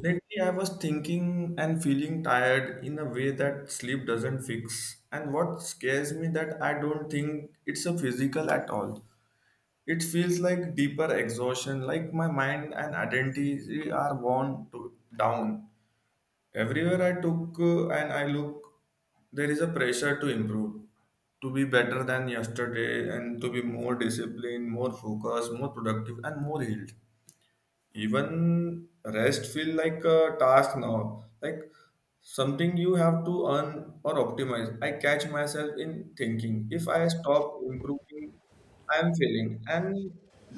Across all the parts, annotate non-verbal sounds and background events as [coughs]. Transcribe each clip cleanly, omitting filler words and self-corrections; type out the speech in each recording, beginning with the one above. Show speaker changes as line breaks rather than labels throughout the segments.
Lately, I was thinking and feeling tired in a way that sleep doesn't fix. And what scares me that I don't think it's a physical at all. It feels like deeper exhaustion, like my mind and identity are worn to, down. Everywhere I took and I look, there is a pressure to improve, to be better than yesterday, and to be more disciplined, more focused, more productive, and more healed. Even rest feel like a task now, like something you have to earn or optimize. I catch myself in thinking if I stop improving, I am failing, and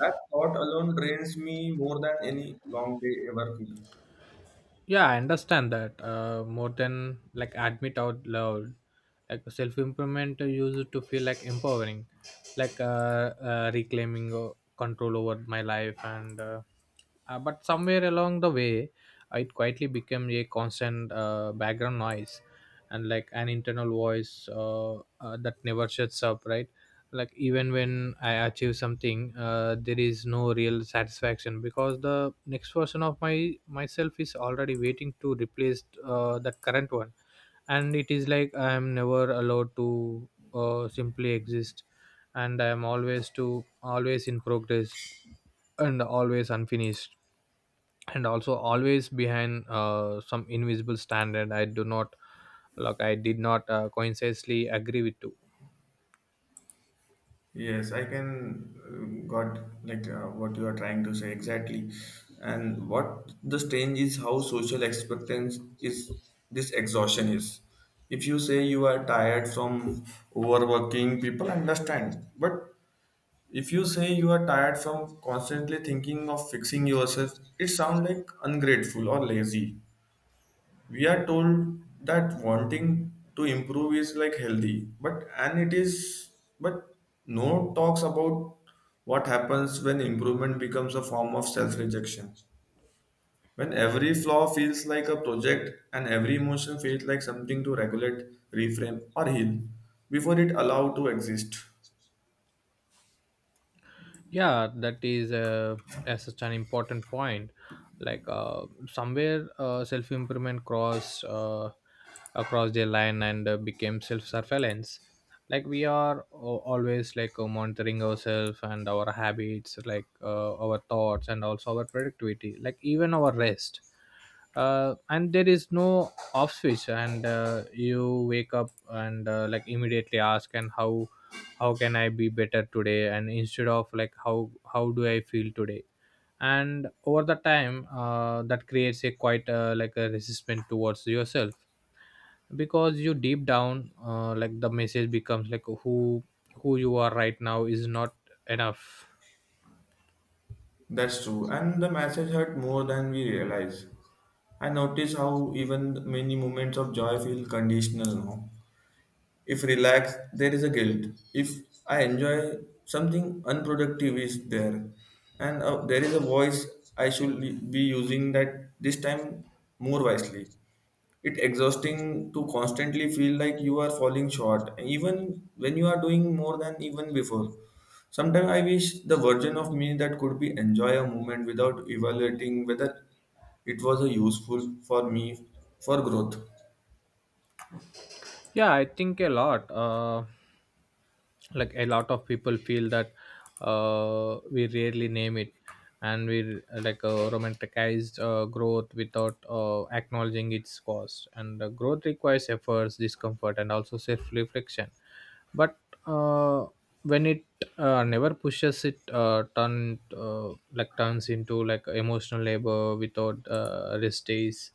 that thought alone drains me more than any long day ever could.
Yeah, I understand that more than like admit out loud. Like self-improvement used to feel like empowering, like reclaiming control over my life, and but somewhere along the way, it quietly became a constant background noise, and like an internal voice that never shuts up, right? Like even when I achieve something, there is no real satisfaction, because the next version of my myself is already waiting to replace that current one. And it is like I am never allowed to simply exist, and I am always in progress, and always unfinished, and also always behind some invisible standard I do not, like I did not coincidentally agree with to.
Yes, I can got like what you are trying to say exactly. And what the strange is how social expectance is this exhaustion is. If you say you are tired from overworking, people understand. But if you say you are tired from constantly thinking of fixing yourself, it sounds like ungrateful or lazy. We are told that wanting to improve is like healthy, but and it is, but no talks about what happens when improvement becomes a form of self rejection, when every flaw feels like a project and every emotion feels like something to regulate, reframe or heal before it allowed to exist.
Yeah, that is, as such an important point. Like, somewhere self improvement cross across the line, and became self surveillance. Like we are always, like, monitoring ourselves and our habits, like our thoughts, and also our productivity, like even our rest. And there is no off switch, and you wake up and like immediately ask, and how can I be better today, and instead of like, how do I feel today? And over the time, that creates a quite, like a resistance towards yourself, because you deep down, like the message becomes like, who you are right now is not enough.
That's true, and the message hurt more than we realize. I notice how even many moments of joy feel conditional now. If relaxed, there is a guilt. If I enjoy something unproductive is there, and there is a voice I should be using that this time more wisely. It exhausting to constantly feel like you are falling short, even when you are doing more than even before. Sometimes I wish the version of me that could be enjoy a moment without evaluating whether it was a useful for me for growth
Yeah, I think a lot like a lot of people feel that, we rarely name it, and we like romanticized growth without acknowledging its cost, and growth requires efforts, discomfort, and also self reflection. But uh, when it never pushes it turn like turns into like emotional labor without rest days,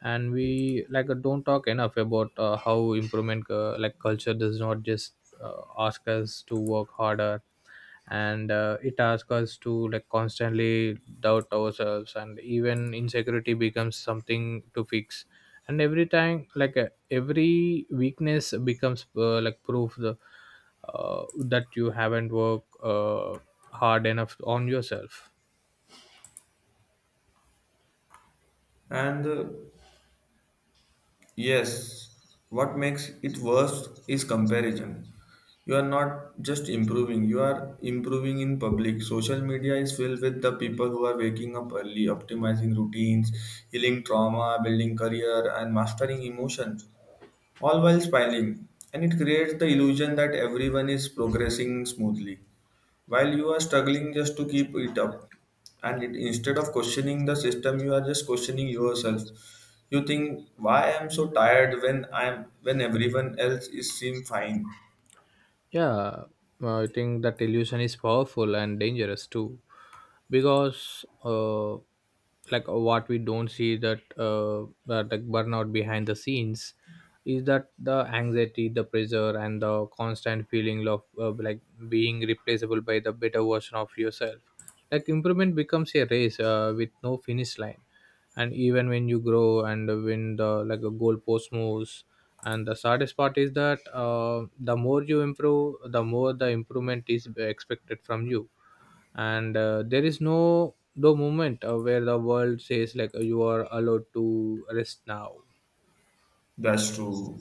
and we like don't talk enough about how improvement, like culture does not just ask us to work harder, and it asks us to like constantly doubt ourselves, and even insecurity becomes something to fix, and every time, like every weakness becomes, like proof that you haven't worked hard enough on yourself.
and Yes, what makes it worse is comparison. You are not just improving, you are improving in public. Social media is filled with the people who are waking up early, optimizing routines, healing trauma, building career, and mastering emotion, all while smiling, and it creates the illusion that everyone is progressing smoothly while you are struggling just to keep it up. And it, instead of questioning the system, you are just questioning yourself. You think, why I am so tired when I am when everyone else is seem fine.
Yeah, I think that illusion is powerful and dangerous too, because like, what we don't see, that like burnout behind the scenes is that the anxiety, the pressure, and the constant feeling of, like being replaceable by the better version of yourself. Like improvement becomes a race with no finish line, and even when you grow, and when the like a goalpost moves, and the saddest part is that, the more you improve, the more the improvement is expected from you, and there is no moment where the world says like, you are allowed to rest now.
That's true.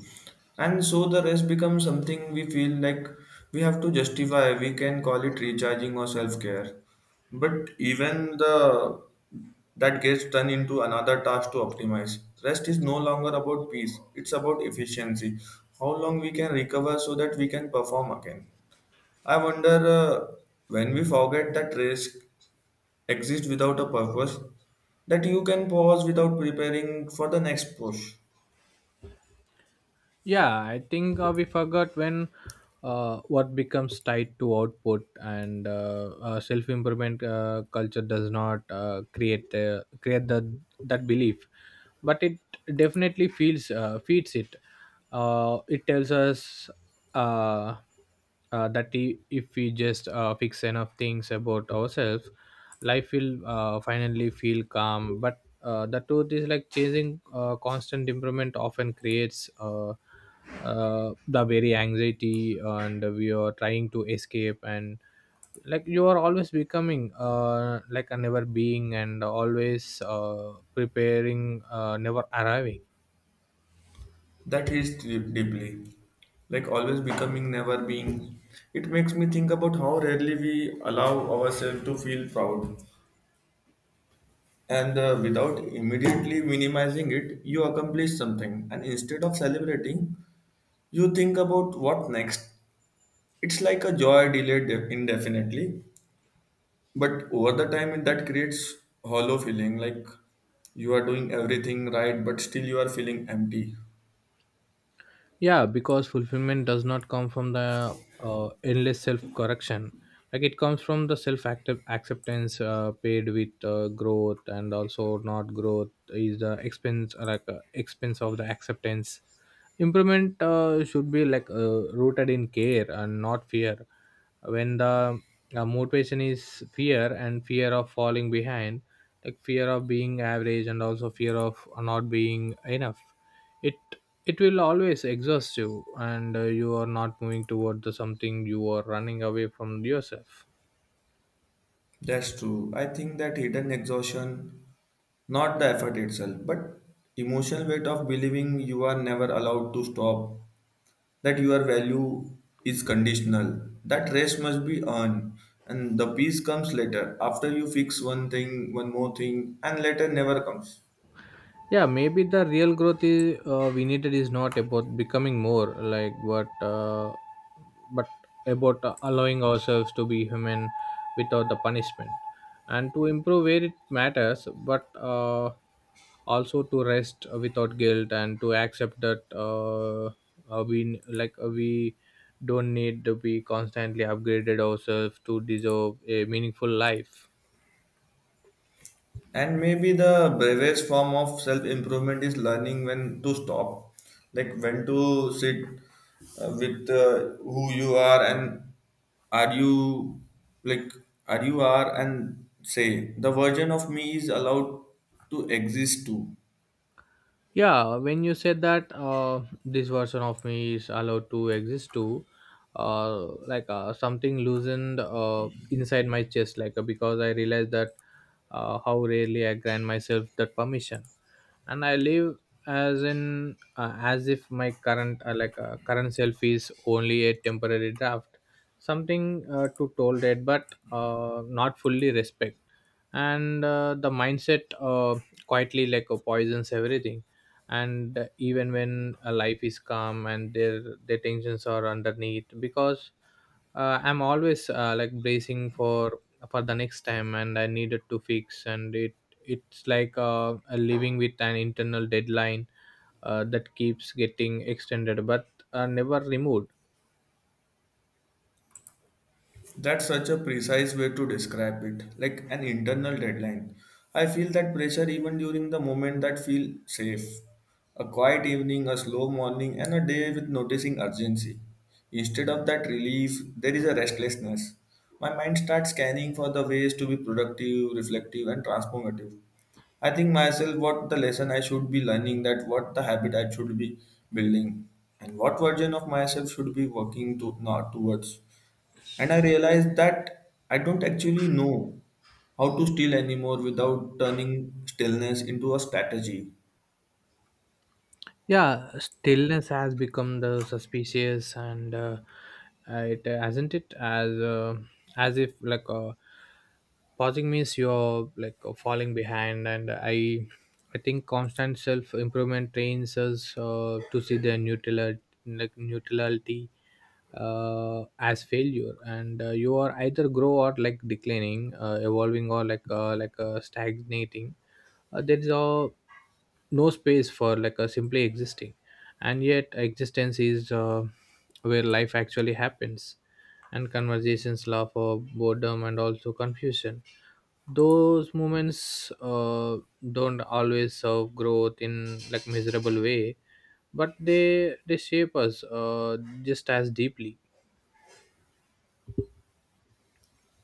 And so the rest becomes something we feel like we have to justify. We can call it recharging or self care. But even the that gets turned into another task to optimize. Rest is no longer about peace, it's about efficiency. How long we can recover so that we can perform again. I wonder when we forget that rest exists without a purpose, that you can pause without preparing for the next push.
Yeah, I think we forgot when what becomes tied to output, and self improvement culture does not create the that belief, but it definitely feels feeds it. It tells us, uh, that if we just fix enough things about ourselves, life will finally feel calm. But the truth is like chasing constant improvement often creates, the very anxiety and we are trying to escape, and like you are always becoming, like a never being, and always preparing, never arriving.
That hits deeply. Like always becoming, never being. It makes me think about how rarely we allow ourselves to feel proud. And without immediately minimizing it, you accomplish something. And instead of celebrating, you think about what next. It's like a joy delayed indefinitely. But over the time, that creates hollow feeling. Like you are doing everything right, but still you are feeling empty.
Yeah, because fulfillment does not come from the endless self correction. Like it comes from the self active acceptance paid with growth, and also not growth is the expense, expense of the acceptance. Improvement should be like rooted in care and not fear. When the motivation is fear, and fear of falling behind, like fear of being average, and also fear of not being enough, it it will always exhaust you, and you are not moving toward the something, you are running away from yourself.
That's true. I think that hidden exhaustion, not the effort itself, but emotional weight of believing you are never allowed to stop, that your value is conditional, that rest must be earned, and the peace comes later after you fix one thing, one more thing, and later never comes.
Yeah, maybe the real growth is, we needed is not about becoming more like what, but about allowing ourselves to be human, without the punishment, and to improve where it matters, but also to rest without guilt, and to accept that, we don't need to be constantly upgraded ourselves to deserve a meaningful life.
And maybe the bravest form of self improvement is learning when to stop, like when to sit with who you are and are you like are you are and say the version of me is allowed to exist too.
Yeah, when you said that, this version of me is allowed to exist too, like something loosened inside my chest, like because I realized that, how rarely I grant myself that permission, and I live as if my current, like current self is only a temporary draft, something to tolerate, but not fully respect. And the mindset, quietly like poisons everything. And even when life is calm, and their tensions are underneath, because I'm always like bracing for the next time, and I needed to fix, and it it's like a living with an internal deadline that keeps getting extended, but never removed.
That's such a precise way to describe it, like an internal deadline. I feel that pressure even during the moment that feel safe. A quiet evening, a slow morning, and a day with noticing urgency. Instead of that relief, there is a restlessness. My mind starts scanning for the ways to be productive, reflective, and transformative. I think myself what the lesson I should be learning, that what the habit I should be building, and what version of myself should be working to not towards. And I realized that I don't actually know how to steal anymore without turning stillness into a strategy.
Yeah, stillness has become the suspicious, and it hasn't it as if like pausing means you're like falling behind, and I think constant self improvement trains us to see the neutrality, like neutrality as failure, and you are either grow or like declining, evolving, or stagnating. There is a no space for like a simply existing, and yet existence is where life actually happens, and conversations, laugh of boredom, and also confusion. Those moments don't always serve growth in like miserable way, but they shape us just as deeply.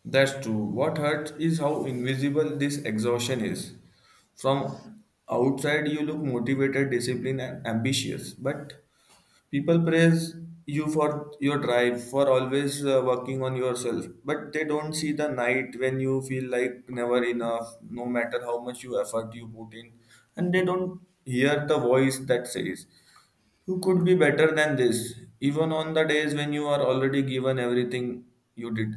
That's true. What hurts is how invisible this exhaustion is. From outside, you look motivated, disciplined, and ambitious, but people praise you for your drive, for always working on yourself, but they don't see the night when you feel like never enough no matter how much you effort you put in, and they don't hear the voice that says you could be better than this even on the days when you are already given everything you did.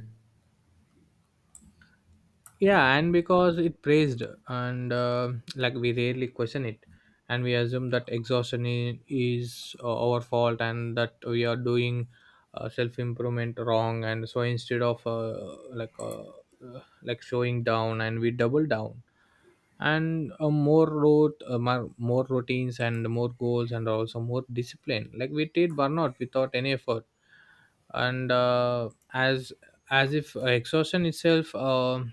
Yeah, and because it praised, and like we rarely question it, and we assume that exhaustion is our fault, and that we are doing self improvement wrong, and so instead of like showing down, and we double down, and more routines, and more goals, and also more discipline, like we treat burnout without any effort. And as if exhaustion itself,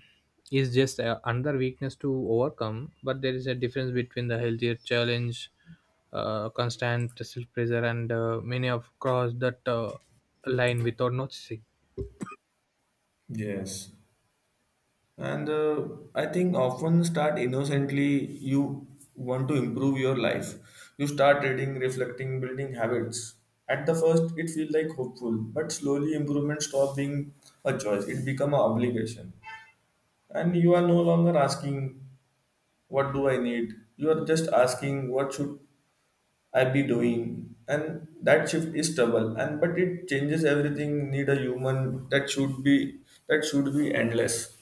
is just another weakness to overcome, but there is a difference between the healthier challenge, constant self pressure, and many of cross that line without noticing.
Yes. And I think often start innocently, you want to improve your life. You start reading, reflecting, building habits. At the first, it feels like hopeful, but slowly improvement stop being a choice. It become an obligation. And you are no longer asking, what do I need? You are just asking, what should I be doing? And that shift is trouble. And but it changes everything. Need a human that should be endless.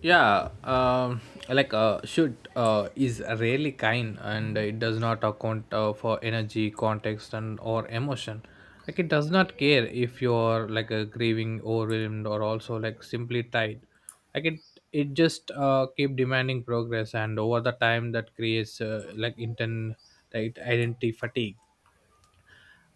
Yeah, like should is really kind, and it does not account for energy, context, and or emotion. Like it does not care if you're like a grieving, overwhelmed, or also like simply tired, like it just keep demanding progress, and over the time that creates, like intent, like identity fatigue,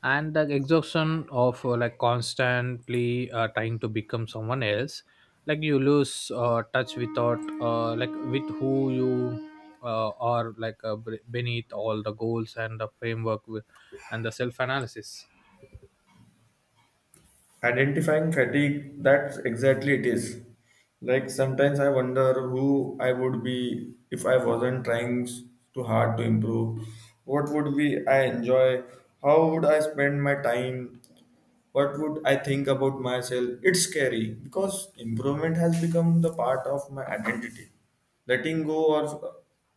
and the exhaustion of like constantly trying to become someone else, like you lose touch without like with who you are, like beneath all the goals, and the framework with, and the self analysis.
Identifying fatigue, that's exactly it is. Like sometimes I wonder who I would be if I wasn't trying too hard to improve. What would be I enjoy? How would I spend my time? What would I think about myself? It's scary because improvement has become the part of my identity. Letting go or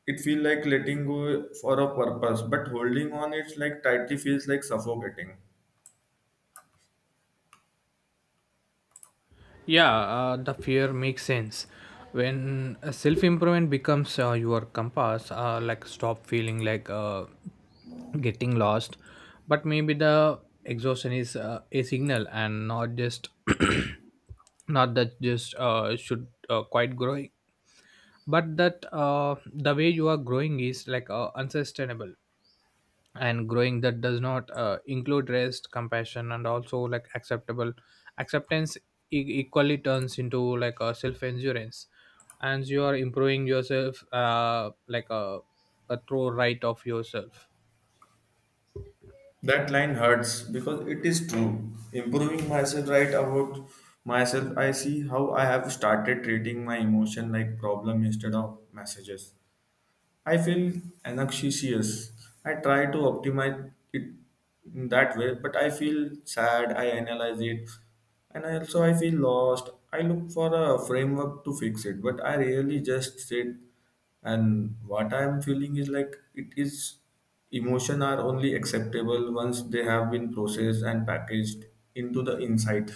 it feel like letting go for a purpose, but holding on it's like tightly feels like suffocating.
Yeah, the fear makes sense. When self improvement becomes your compass, like stop feeling like getting lost, but maybe the exhaustion is, a signal, and not just [coughs] [clears throat] not that just should quite growing, but that the way you are growing is like unsustainable, and growing that does not include rest, compassion, and also like acceptable acceptance equally turns into like a self endurance, and you are improving yourself like a through right of yourself.
That line hurts because it is true. Improving myself right about myself, I see how I have started treating my emotion like problem instead of messages. I feel anxious. I try to optimize it in that way, but I feel sad. I analyze it, and I also I feel lost. I look for a framework to fix it, but I really just sit. And what I'm feeling is like it is emotion are only acceptable once they have been processed and packaged into the insight.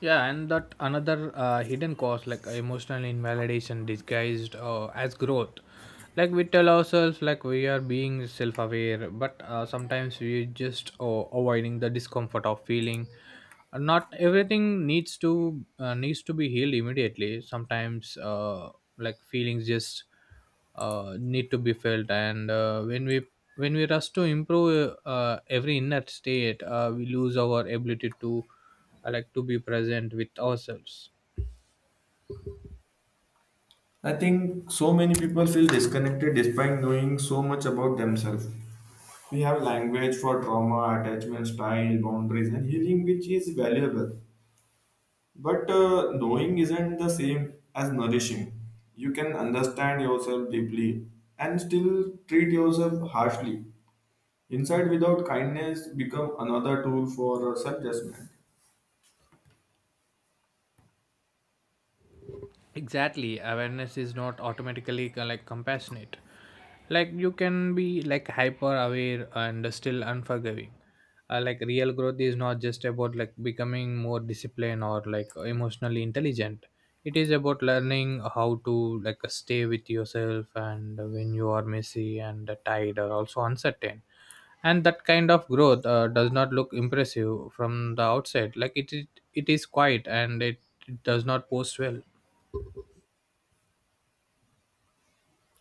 Yeah, and that another hidden cause, like emotional invalidation disguised as growth. Like we tell ourselves like we are being self-aware, but sometimes we just avoiding the discomfort of feeling. Not everything needs to be healed immediately. Sometimes like feelings just need to be felt, and when we rush to improve every inner state we lose our ability to to be present with ourselves.
I think so many people feel disconnected despite knowing so much about themselves. We have language for trauma, attachment style, boundaries, and healing, which is valuable. But knowing isn't the same as nourishing. You can understand yourself deeply and still treat yourself harshly. Insight without kindness become another tool for self judgment.
Exactly, awareness is not automatically like compassionate. Like you can be like hyper aware and still unforgiving. Like real growth is not just about like becoming more disciplined or like emotionally intelligent. It is about learning how to like stay with yourself and when you are messy and tired or also uncertain. And that kind of growth does not look impressive from the outside. Like it is quiet and it does not post well.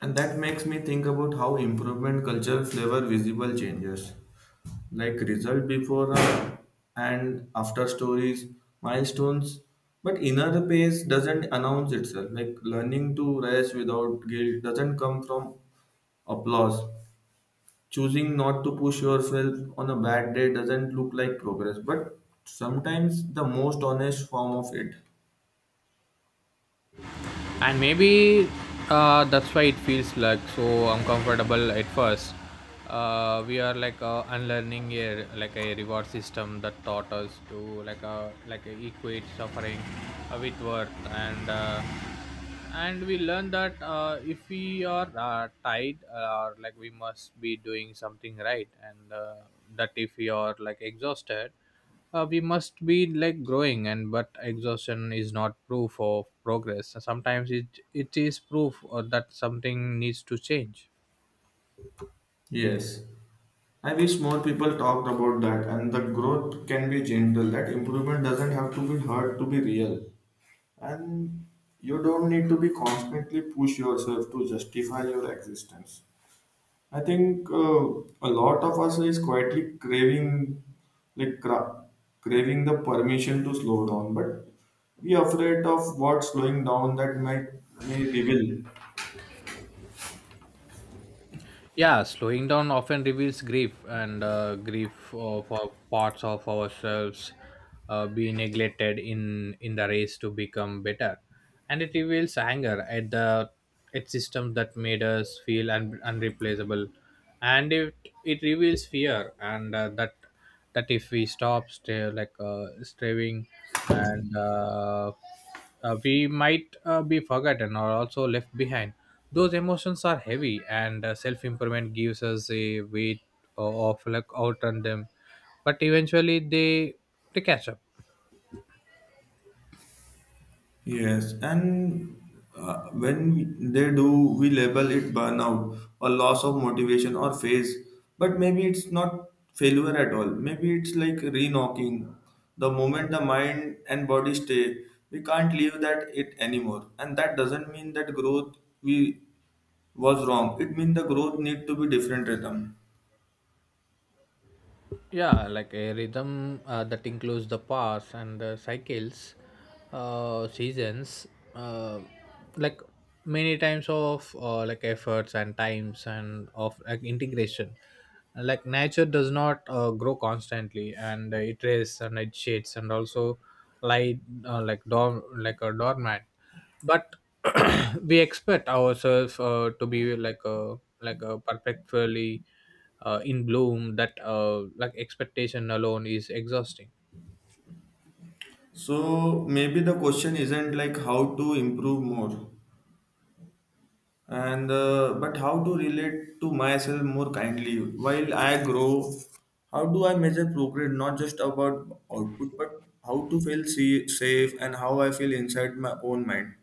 And that makes me think about how improvement culture flavor visible changes, like result before and after stories, milestones. But inner pace doesn't announce itself. Like learning to rest without guilt doesn't come from applause. Choosing not to push yourself on a bad day doesn't look like progress, but sometimes the most honest form of it.
And maybe that's why it feels like so uncomfortable at first. We are like unlearning a like a reward system that taught us to like a equate suffering with worth, and we learn that if we are tired or like we must be doing something right. And that if we are like exhausted we must be like growing. And but exhaustion is not proof of progress. Sometimes it is proof that something needs to change.
Yes. I wish more people talked about that and the growth can be gentle. That improvement doesn't have to be hard to be real. And you don't need to be constantly push yourself to justify your existence. I think a lot of us is quietly craving like cra- craving the permission to slow down, but we are afraid of what slowing down that might may reveal.
Yeah, slowing down often reveals grief, and grief of our parts of ourselves be neglected in the race to become better. And it reveals anger at the at systems that made us feel unreplaceable. And it reveals fear, and that if we stop stay, like striving and we might be forgotten or also left behind. Those emotions are heavy, and self-improvement gives us a weight of like outrun them, but eventually they catch up.
Yes, and when they do, we label it burnout or loss of motivation or phase. But maybe it's not failure at all. Maybe it's like re-knocking. The moment the mind and body stay, we can't leave that it anymore. And that doesn't mean that growth we was wrong. It means the growth need to be different rhythm.
Yeah, like a rhythm that includes the past and the cycles, seasons, uh, like many times of like efforts and times and of like integration. Like nature does not grow constantly, and it rays and it shades and also light. Like dorm like a doormat. But [coughs] [clears throat] we expect ourselves to be like a perfectly in bloom. That like expectation alone is exhausting.
So maybe the question isn't like how to improve more, and but how to relate to myself more kindly while I grow. How do I measure progress, not just about output, but how to feel see, safe, and how I feel inside my own mind.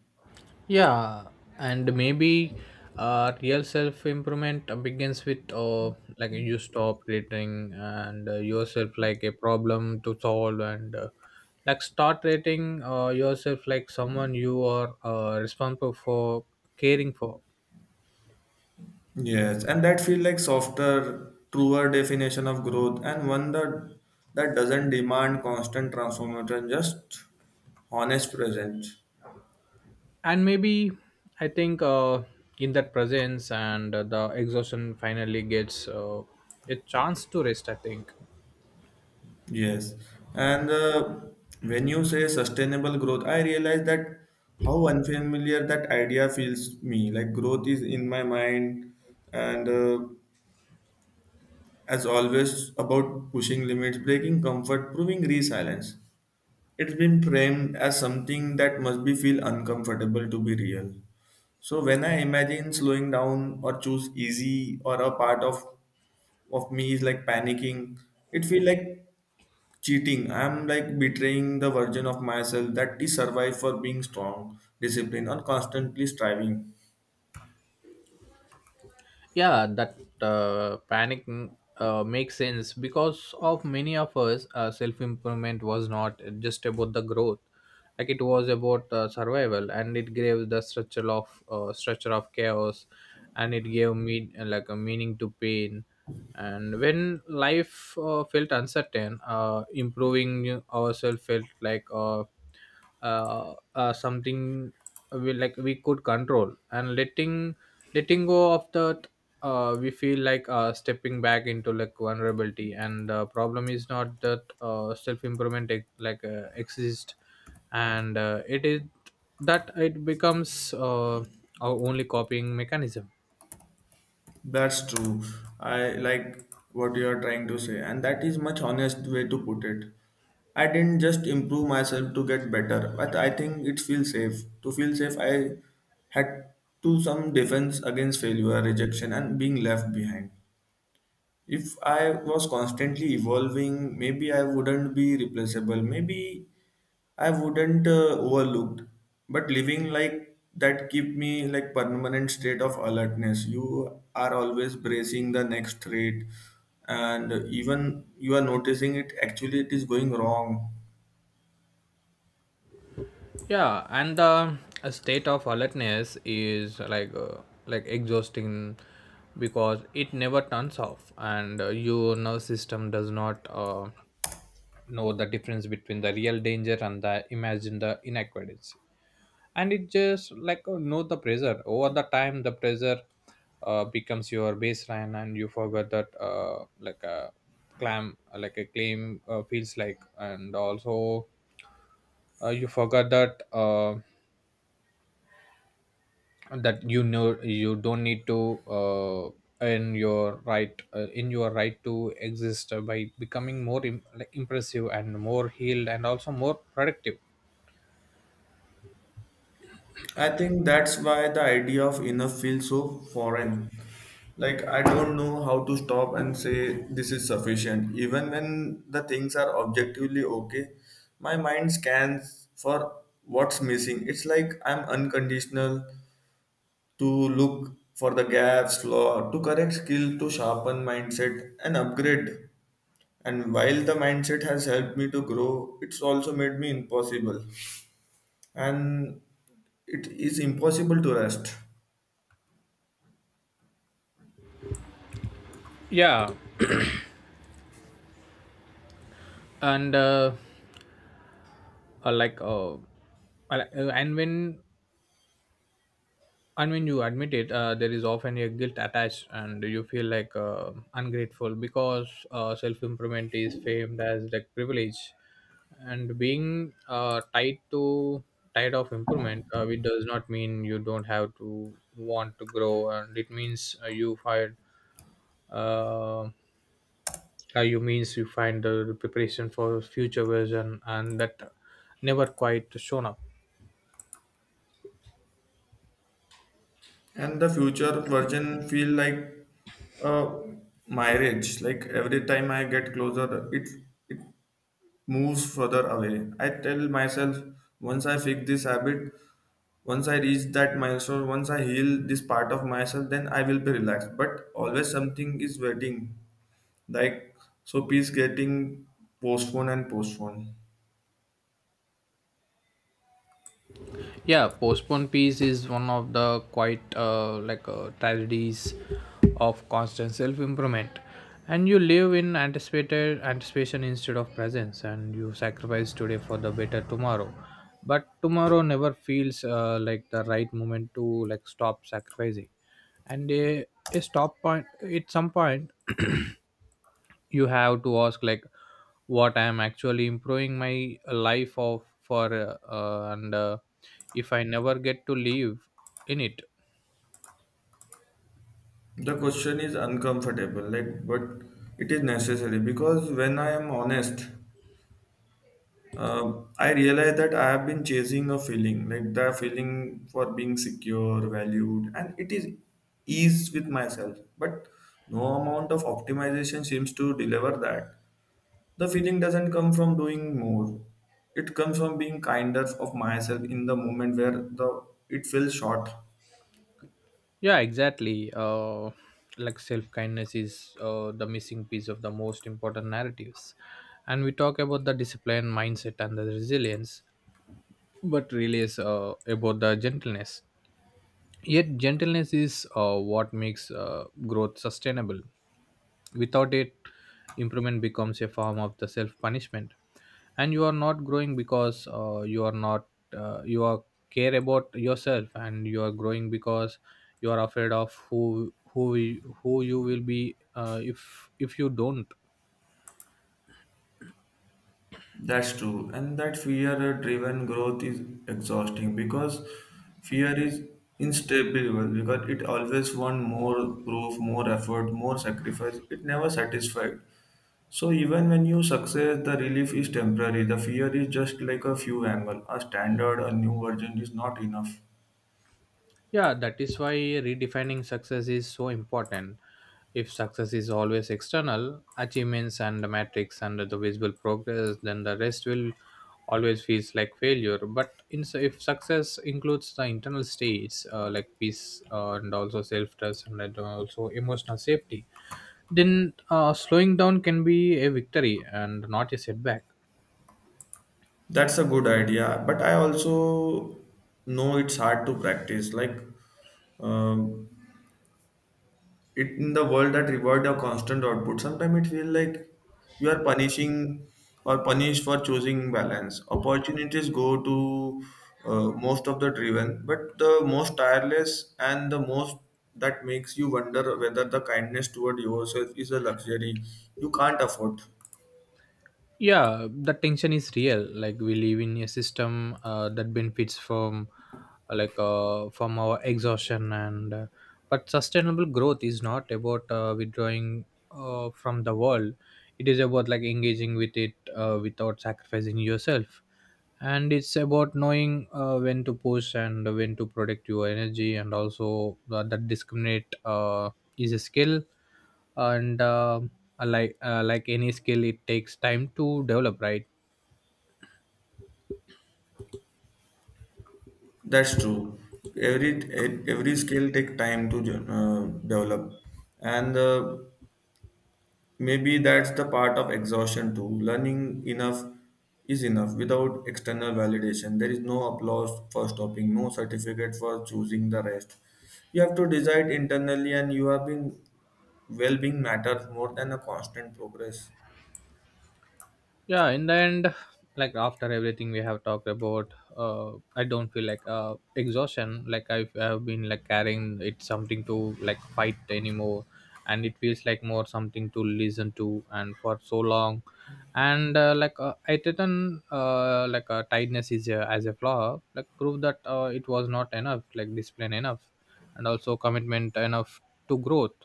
Yeah, and maybe real self improvement begins with like you stop rating and yourself like a problem to solve, and like start rating yourself like someone you are responsible for, caring for.
Yes, and that feel like softer truer definition of growth, and one that doesn't demand constant transformation, just honest presence.
And maybe, I think in that presence and the exhaustion finally gets a chance to rest, I think.
Yes, and when you say sustainable growth, I realize that how unfamiliar that idea feels me. Like growth is in my mind, and as always about pushing limits, breaking comfort, proving resilience. It's been framed as something that must be feel uncomfortable to be real. So when I imagine slowing down or choose easy or a part of me is like panicking, it feel like cheating. I'm like betraying the version of myself that is survived for being strong, disciplined, or constantly striving.
Yeah, that panic, makes sense because of many of us. Self-improvement was not just about the growth. Like it was about survival, and it gave the structure of chaos, and it gave me like a meaning to pain. And when life felt uncertain, improving ourselves felt like something we could control. And letting, letting go of that we feel like stepping back into like vulnerability. And the problem is not that self improvement exist and it is that it becomes our only copying mechanism.
That's true. I like what you are trying to say, and that is much honest way to put it. I didn't just improve myself to get better, but I think it feels safe. To feel safe, I had to some defense against failure, rejection, and being left behind. If I was constantly evolving, maybe I wouldn't be replaceable. Maybe I wouldn't overlooked. But living like that keep me like permanent state of alertness. You are always bracing the next threat, and even you are noticing it. Actually, it is going wrong.
Yeah, and the a state of alertness is like exhausting because it never turns off. And your nervous system does not know the difference between the real danger and the imagine the inadequacy. And it just like know the pressure over the time. The pressure becomes your baseline, and you forget that like a clam like a claim feels like. And also you forgot that that, you know, you don't need to earn your right in your right to exist by becoming more like impressive and more healed and also more productive.
I think that's why the idea of enough feels so foreign. Like, I don't know how to stop and say this is sufficient. Even when the things are objectively okay, my mind scans for what's missing. It's like I'm unconditional to look for the gaps, flaw, to correct skill, to sharpen mindset and upgrade. And while the mindset has helped me to grow, it's also made me impossible. And it is impossible to rest.
Yeah, and like I- and when you admit it there is often a guilt attached, and you feel like ungrateful because self-improvement is famed as like privilege. And being tied of improvement it does not mean you don't have to want to grow, and it means uh, you means you find the preparation for future version, and that never quite shown up.
And the future version feel like a marriage, like every time I get closer, it moves further away. I tell myself once I fix this habit, once I reach that milestone, once I heal this part of myself, then I will be relaxed, but always something is waiting, like so peace getting postponed and postponed.
Yeah, postponed peace is one of the quite tragedies of constant self-improvement. And you live in anticipated anticipation instead of presence, and you sacrifice today for the better tomorrow. But tomorrow never feels like the right moment to like stop sacrificing. And a stop point at some point, [clears throat] you have to ask like what I am actually improving my life of for and if I never get to live in it.
The question is uncomfortable like, but it is necessary because when I am honest, I realize that I have been chasing a feeling, like the feeling for being secure, valued, and it is ease with myself. But no amount of optimization seems to deliver that. The feeling doesn't come from doing more. It comes from being kinder of myself in the moment where the it feels short.
Yeah, exactly, like self kindness is the missing piece of the most important narratives. And we talk about the discipline mindset and the resilience, but really is about the gentleness. Yet gentleness is what makes growth sustainable. Without it, improvement becomes a form of the self punishment, and you are not growing because you are not you are care about yourself, and you are growing because you are afraid of who you will be if if you don't.
That's true, and that fear-driven growth is exhausting because fear is instable because it always wants more proof, more effort, more sacrifice. It never satisfied. So even when you success, the relief is temporary. The fear is just like a few angle. A standard, a new version is not enough.
Yeah, that is why redefining success is so important. If success is always external, achievements and the metrics and the visible progress, then the rest will always feels like failure. But in, if success includes the internal states like peace and also self trust and then also emotional safety, then slowing down can be a victory and not a setback.
That's a good idea, but I also know it's hard to practice. Like um it in the world that reward your constant output sometimes it feels like you are punishing or punished for choosing balance opportunities go to most of the driven but the most tireless and the most, that makes you wonder whether the kindness toward yourself is a luxury you can't afford.
Yeah, the tension is real. Like we live in a system that benefits from from our exhaustion, and but sustainable growth is not about withdrawing from the world. It is about like engaging with it without sacrificing yourself. And it's about knowing when to push and when to protect your energy. And also that discriminate is a skill, and like any skill it takes time to develop, right?
That's true. Every every skill take time to develop, and maybe that's the part of exhaustion too. Learning enough is enough without external validation. There is no applause for stopping, no certificate for choosing the rest. You have to decide internally, and you have been well being matters more than a constant progress.
Yeah, in the end, like after everything we have talked about, I don't feel like I've been like carrying it something to like fight anymore. And it feels like more something to listen to. And for so long and like I didn't tightness is as a flaw, like prove that it was not enough, like discipline enough and also commitment enough to growth.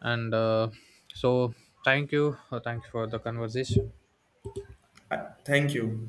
And uh so thank you, thanks for the conversation.
Thank you.